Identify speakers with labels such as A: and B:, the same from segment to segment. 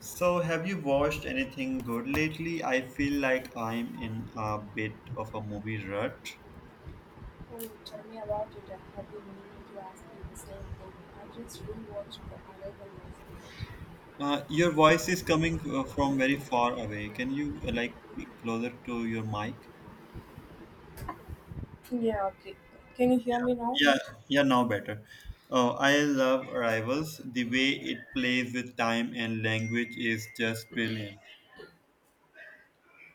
A: So, have you watched anything good lately? I feel like I'm in a bit of a movie rut.
B: Oh, tell me about it. I have been meaning to ask you the same thing. I just rewatched The Arrival yesterday.
A: Your voice is coming from very far away. Can you like be closer to your mic?
B: Yeah, okay. Can you hear me now? Night.
A: Yeah, yeah, now better. Oh, I love Arrivals. The way it plays with time and language is just brilliant.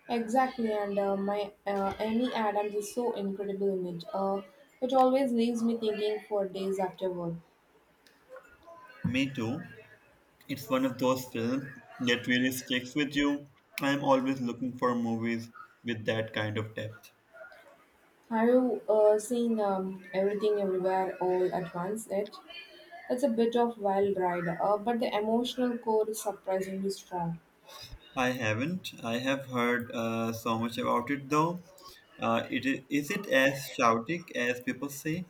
B: Exactly, and my Amy Adams is so incredible in it. It always leaves me thinking for days afterward.
A: Me too. It's one of those films that really sticks with you. I'm always looking for movies with that kind of depth.
B: Have you seen Everything Everywhere All at Once? It's a bit of wild ride, but the emotional core is surprisingly strong.
A: I haven't. I have heard so much about it though. Is it as shouty as people say?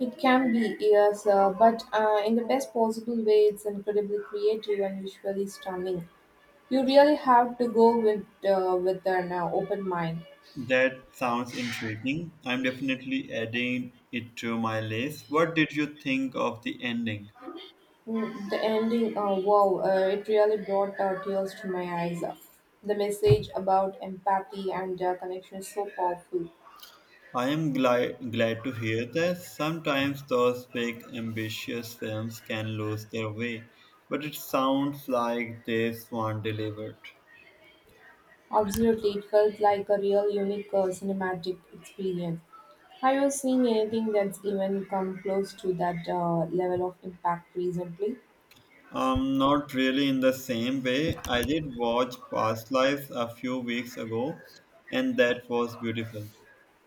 B: It can be, yes, but in the best possible way, it's incredibly creative and visually stunning. You really have to go with an open mind.
A: That sounds intriguing. I'm definitely adding it to my list. What did you think of the ending?
B: The ending, wow, it really brought tears to my eyes. The message about empathy and connection is so powerful.
A: I am glad to hear that. Sometimes those big ambitious films can lose their way, but it sounds like this one delivered.
B: Absolutely, it felt like a real unique cinematic experience. Have you seen anything that's even come close to that level of impact recently?
A: Not really in the same way. I did watch Past Lives a few weeks ago, and that was beautiful,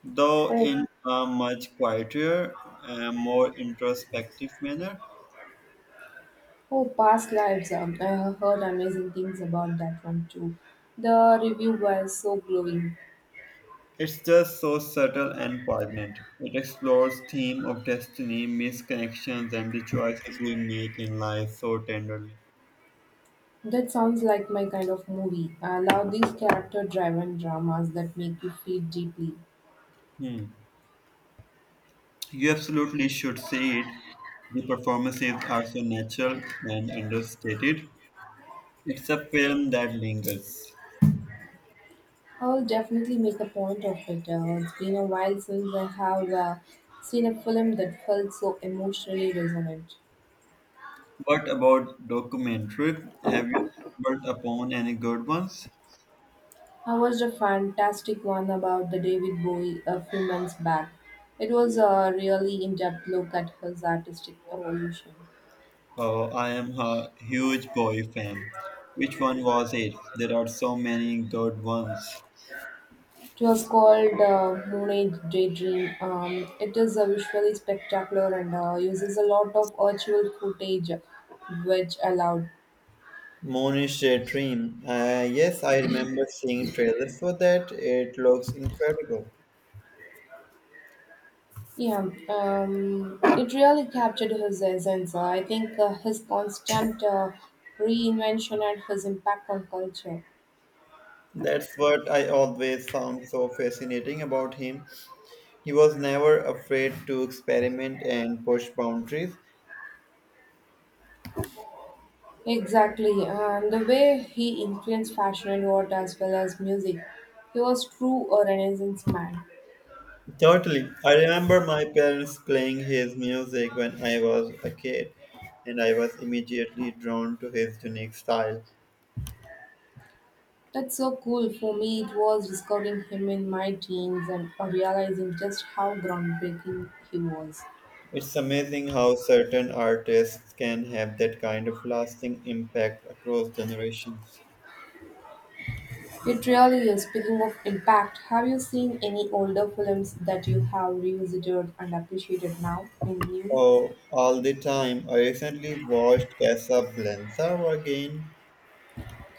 A: though
B: Oh,
A: in a much quieter and more introspective manner.
B: Oh, past lives. I have heard amazing things about that one too. The review was so glowing.
A: It's just so subtle and poignant. It explores theme of destiny, misconnections, and the choices we make in life so tenderly.
B: That sounds like my kind of movie. I love these character driven dramas that make you feel deeply.
A: Hmm. You absolutely should see it. The performances are so natural and understated. It's a film that lingers.
B: I will definitely make a point of it. It's been a while since I have seen a film that felt so emotionally resonant.
A: What about documentaries? Have you stumbled upon any good ones?
B: I watched a fantastic one about the David Bowie a few months back. It was a really in depth look at his artistic evolution.
A: Oh, I am a huge boy fan. Which one was it? There are so many good ones.
B: It was called Moon Age Daydream. It is visually spectacular and uses a lot of virtual footage, which allowed.
A: Moon dream. Yes, I remember seeing trailers for that. It looks incredible.
B: Yeah, it really captured his essence. I think his constant reinvention and his impact on culture.
A: That's what I always found so fascinating about him. He was never afraid to experiment and push boundaries.
B: Exactly. The way he influenced fashion and art as well as music. He was true a Renaissance man.
A: Totally. I remember my parents playing his music when I was a kid, and I was immediately drawn to his unique style.
B: That's so cool. For me, it was discovering him in my teens and realizing just how groundbreaking he was.
A: It's amazing how certain artists can have that kind of lasting impact across generations.
B: It really is. Speaking of impact, have you seen any older films that you have revisited and appreciated now in new?
A: Oh, all the time. I recently watched Casablanca again.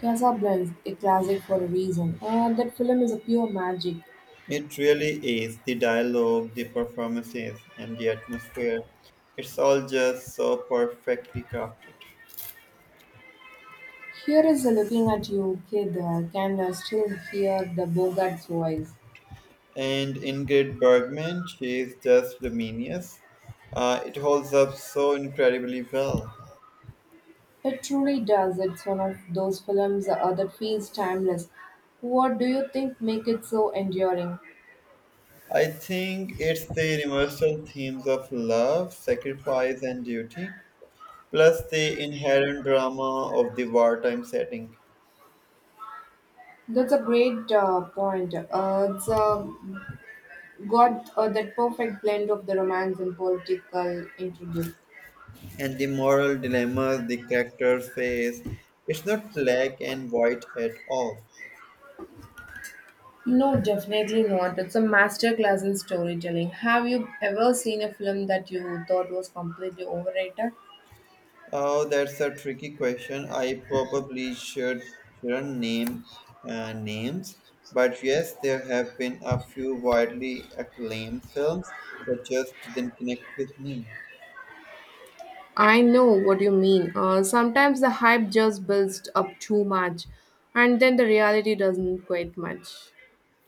B: Casablanca, a classic for a reason. And that film is a pure magic.
A: It really is the dialogue, the performances, and the atmosphere. It's all just so perfectly crafted.
B: Here is a looking at you, kid. Can still hear the Bogart's voice.
A: And Ingrid Bergman, she's just luminous. It holds up so incredibly well.
B: It truly does. It's one of those films that feels timeless. What do you think make it so enduring?
A: I think it's the universal themes of love, sacrifice, and duty, plus the inherent drama of the wartime setting
B: That's a great point. It's got that perfect blend of the romance and political intrigue.
A: and the moral dilemmas the characters face. It's not black and white at all.
B: No, definitely not. It's a masterclass in storytelling. Have you ever seen a film that you thought was completely overrated?
A: Oh, that's a tricky question. I probably should Shouldn't name names, but yes, there have been a few widely acclaimed films that just didn't connect with me.
B: I know what you mean. Sometimes the hype just builds up too much, and then the reality doesn't quite match.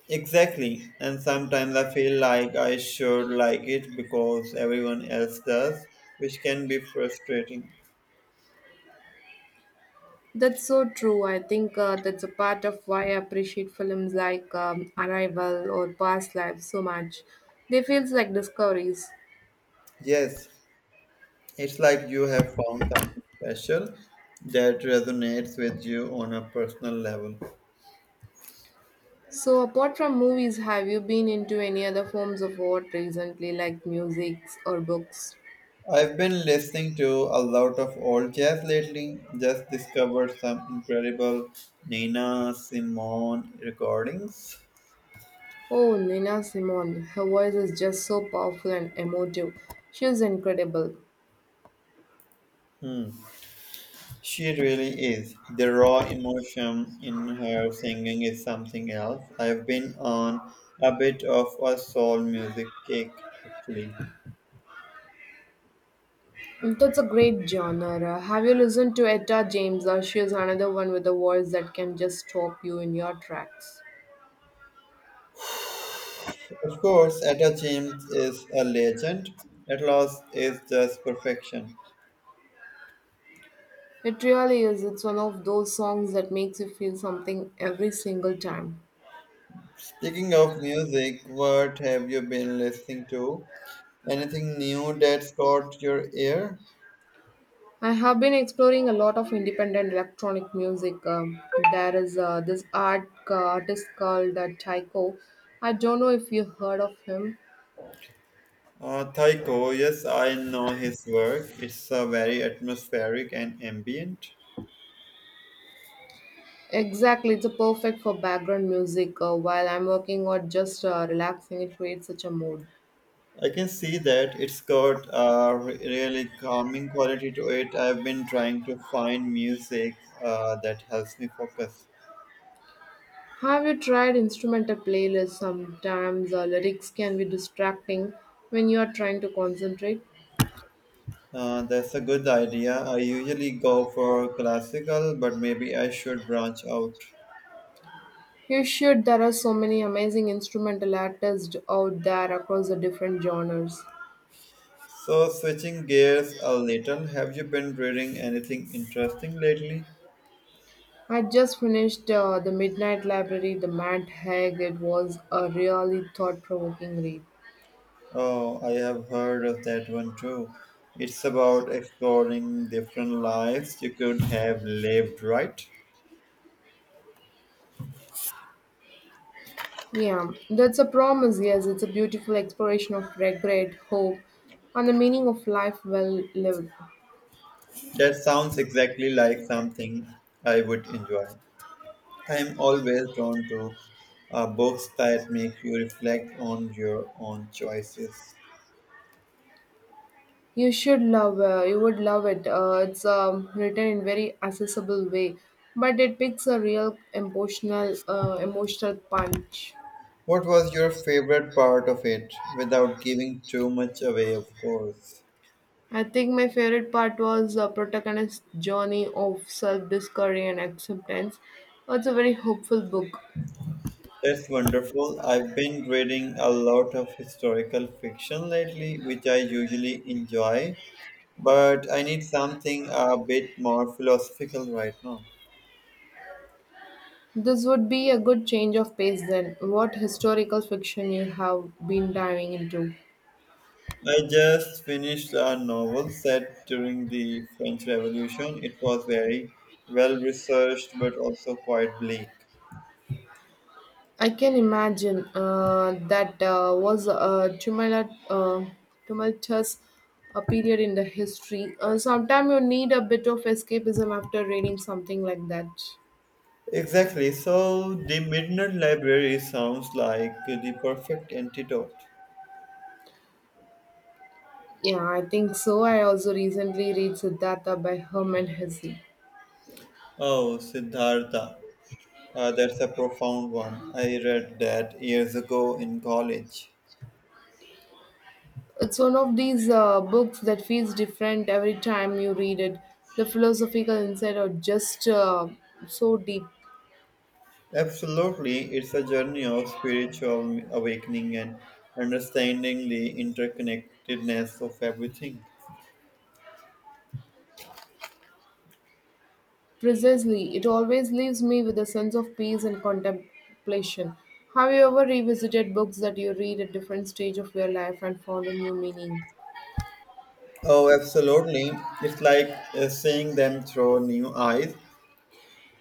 A: Exactly, and sometimes I feel like I should like it because everyone else does, which can be frustrating.
B: That's so true. I think that's a part of why I appreciate films like Arrival or Past Lives so much. They feel like discoveries.
A: Yes, it's like you have found something special that resonates with you on a personal level.
B: So, apart from movies, have you been into any other forms of art recently, like music or books?
A: I've been listening to a lot of old jazz lately. Just discovered some incredible Nina Simone recordings.
B: Oh, Nina Simone. Her voice is just so powerful and emotive. She's incredible.
A: Hmm. She really is. The raw emotion in her singing is something else. I've been on a bit of a soul music kick, actually.
B: That's a great genre. Have you listened to Etta James? Or she's another one with a voice that can just stop you in your tracks.
A: Of course, Etta James is a legend. At loss is just perfection.
B: It really is. It's one of those songs that makes you feel something every single time.
A: Speaking of music, what have you been listening to? Anything new that's caught your ear?
B: I have been exploring a lot of independent electronic music. There is this artist called Tycho. I don't know if you heard of him.
A: Taiko, yes, I know his work. It's very atmospheric and ambient.
B: Exactly, it's a perfect for background music while I'm working or just relaxing. It creates such a mood.
A: I can see that it's got a really calming quality to it. I've been trying to find music that helps me focus.
B: Have you tried instrumental playlists? Sometimes lyrics can be distracting when you are trying to concentrate.
A: That's a good idea. I usually go for classical, but maybe I should branch out.
B: You should. There are so many amazing instrumental artists out there across the different genres.
A: So, switching gears a little, have you been reading anything interesting lately?
B: I just finished The Midnight Library, The Matt Haig. It was a really thought provoking read.
A: Oh, I have heard of that one too. It's about exploring different lives you could have lived, right?
B: Yeah, that's a promise. Yes, it's a beautiful exploration of regret, hope, and the meaning of life well lived.
A: That sounds exactly like something I would enjoy. I am always drawn to books that make you reflect on your own choices.
B: You should love. You would love it. It's written in very accessible way, but it picks a real emotional punch.
A: What was your favorite part of it, without giving too much away, of course?
B: I think my favorite part was the protagonist's journey of self discovery and acceptance. It's a very hopeful book.
A: That's wonderful. I've been reading a lot of historical fiction lately, which I usually enjoy, but I need something a bit more philosophical right now.
B: This would be a good change of pace then. What historical fiction you have been diving into?
A: I just finished a novel set during the French Revolution. It was very well researched but also quite bleak.
B: I can imagine that was a tumultuous period in the history. Sometimes you need a bit of escapism after reading something like that.
A: Exactly. So the Midnight Library sounds like the perfect antidote.
B: Yeah, I think so. I also recently read Siddhartha by Herman Hesse.
A: Oh, Siddhartha. That's a profound one. I read that years ago in college.
B: It's one of these books that feels different every time you read it. The philosophical insight are just so deep.
A: Absolutely, it's a journey of spiritual awakening and understanding the interconnectedness of everything.
B: Precisely, it always leaves me with a sense of peace and contemplation. Have you ever revisited books that you read at different stage of your life and found a new meaning?
A: Oh, absolutely. It's like seeing them through new eyes.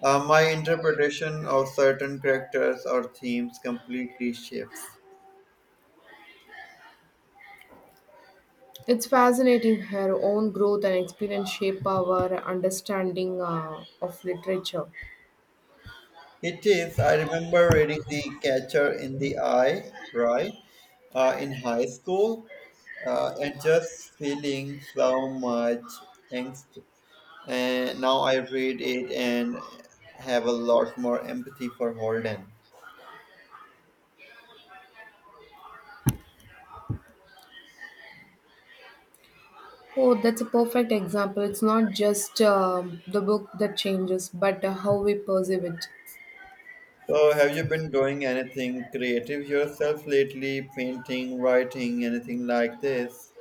A: My interpretation of certain characters or themes completely shifts.
B: It's fascinating her own growth and experience shape our understanding of literature.
A: It is. I remember reading The Catcher in the Eye, right, in high school, and just feeling so much angst. And now I read it and have a lot more empathy for Holden.
B: Oh, that's a perfect example. It's not just the book that changes, but how we perceive it.
A: So, have you been doing anything creative yourself lately? Painting, writing, anything like this?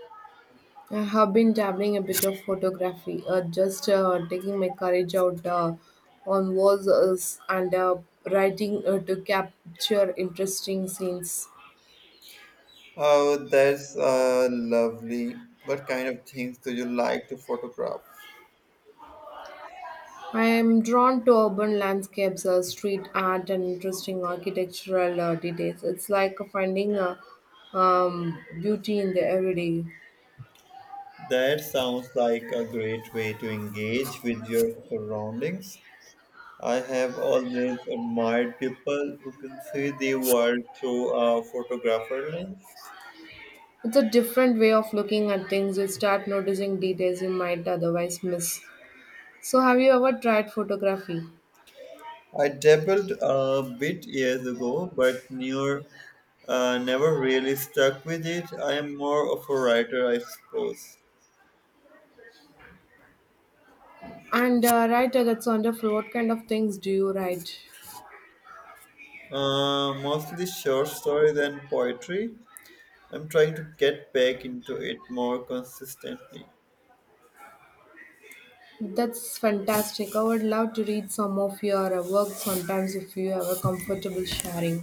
B: I have been dabbling a bit of photography, just taking my courage out on walls and writing to capture interesting scenes.
A: Oh, that's lovely. What kind of things do you like to photograph?
B: I am drawn to urban landscapes, street art, and interesting architectural details. It's like finding beauty in the everyday.
A: That sounds like a great way to engage with your surroundings. I have always admired people who can see the world through a photographer lens.
B: It's a different way of looking at things. You start noticing details you might otherwise miss. So, have you ever tried photography?
A: I dabbled a bit years ago, but never really stuck with it. I am more of a writer, I suppose.
B: That's wonderful. What kind of things do you write?
A: Mostly short stories and poetry. I'm trying to get back into it more consistently.
B: That's fantastic. I would love to read some of your work sometimes if you are comfortable sharing.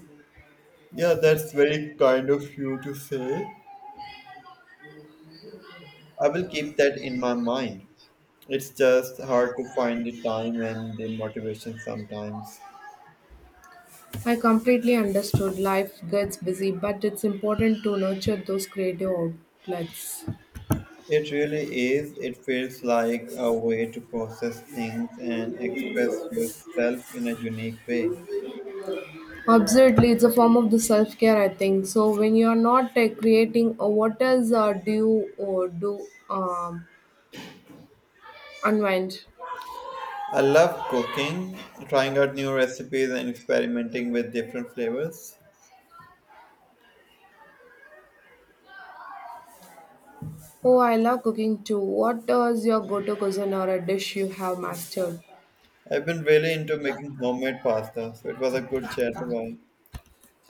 A: Yeah, that's very kind of you to say. I will keep that in my mind. It's just hard to find the time and the motivation sometimes.
B: I completely understood. Life gets busy, but it's important to nurture those creative outlets.
A: It really is. It feels like a way to process things and express yourself in a unique way.
B: Absolutely, it's a form of the self care, I think. So when you are not creating, what else do you do unwind?
A: I love cooking, trying out new recipes and experimenting with different flavors.
B: Oh, I love cooking too. What does your go-to cuisine or a dish you have mastered?
A: I've been really into making homemade pasta, so it was a good chat. Bye.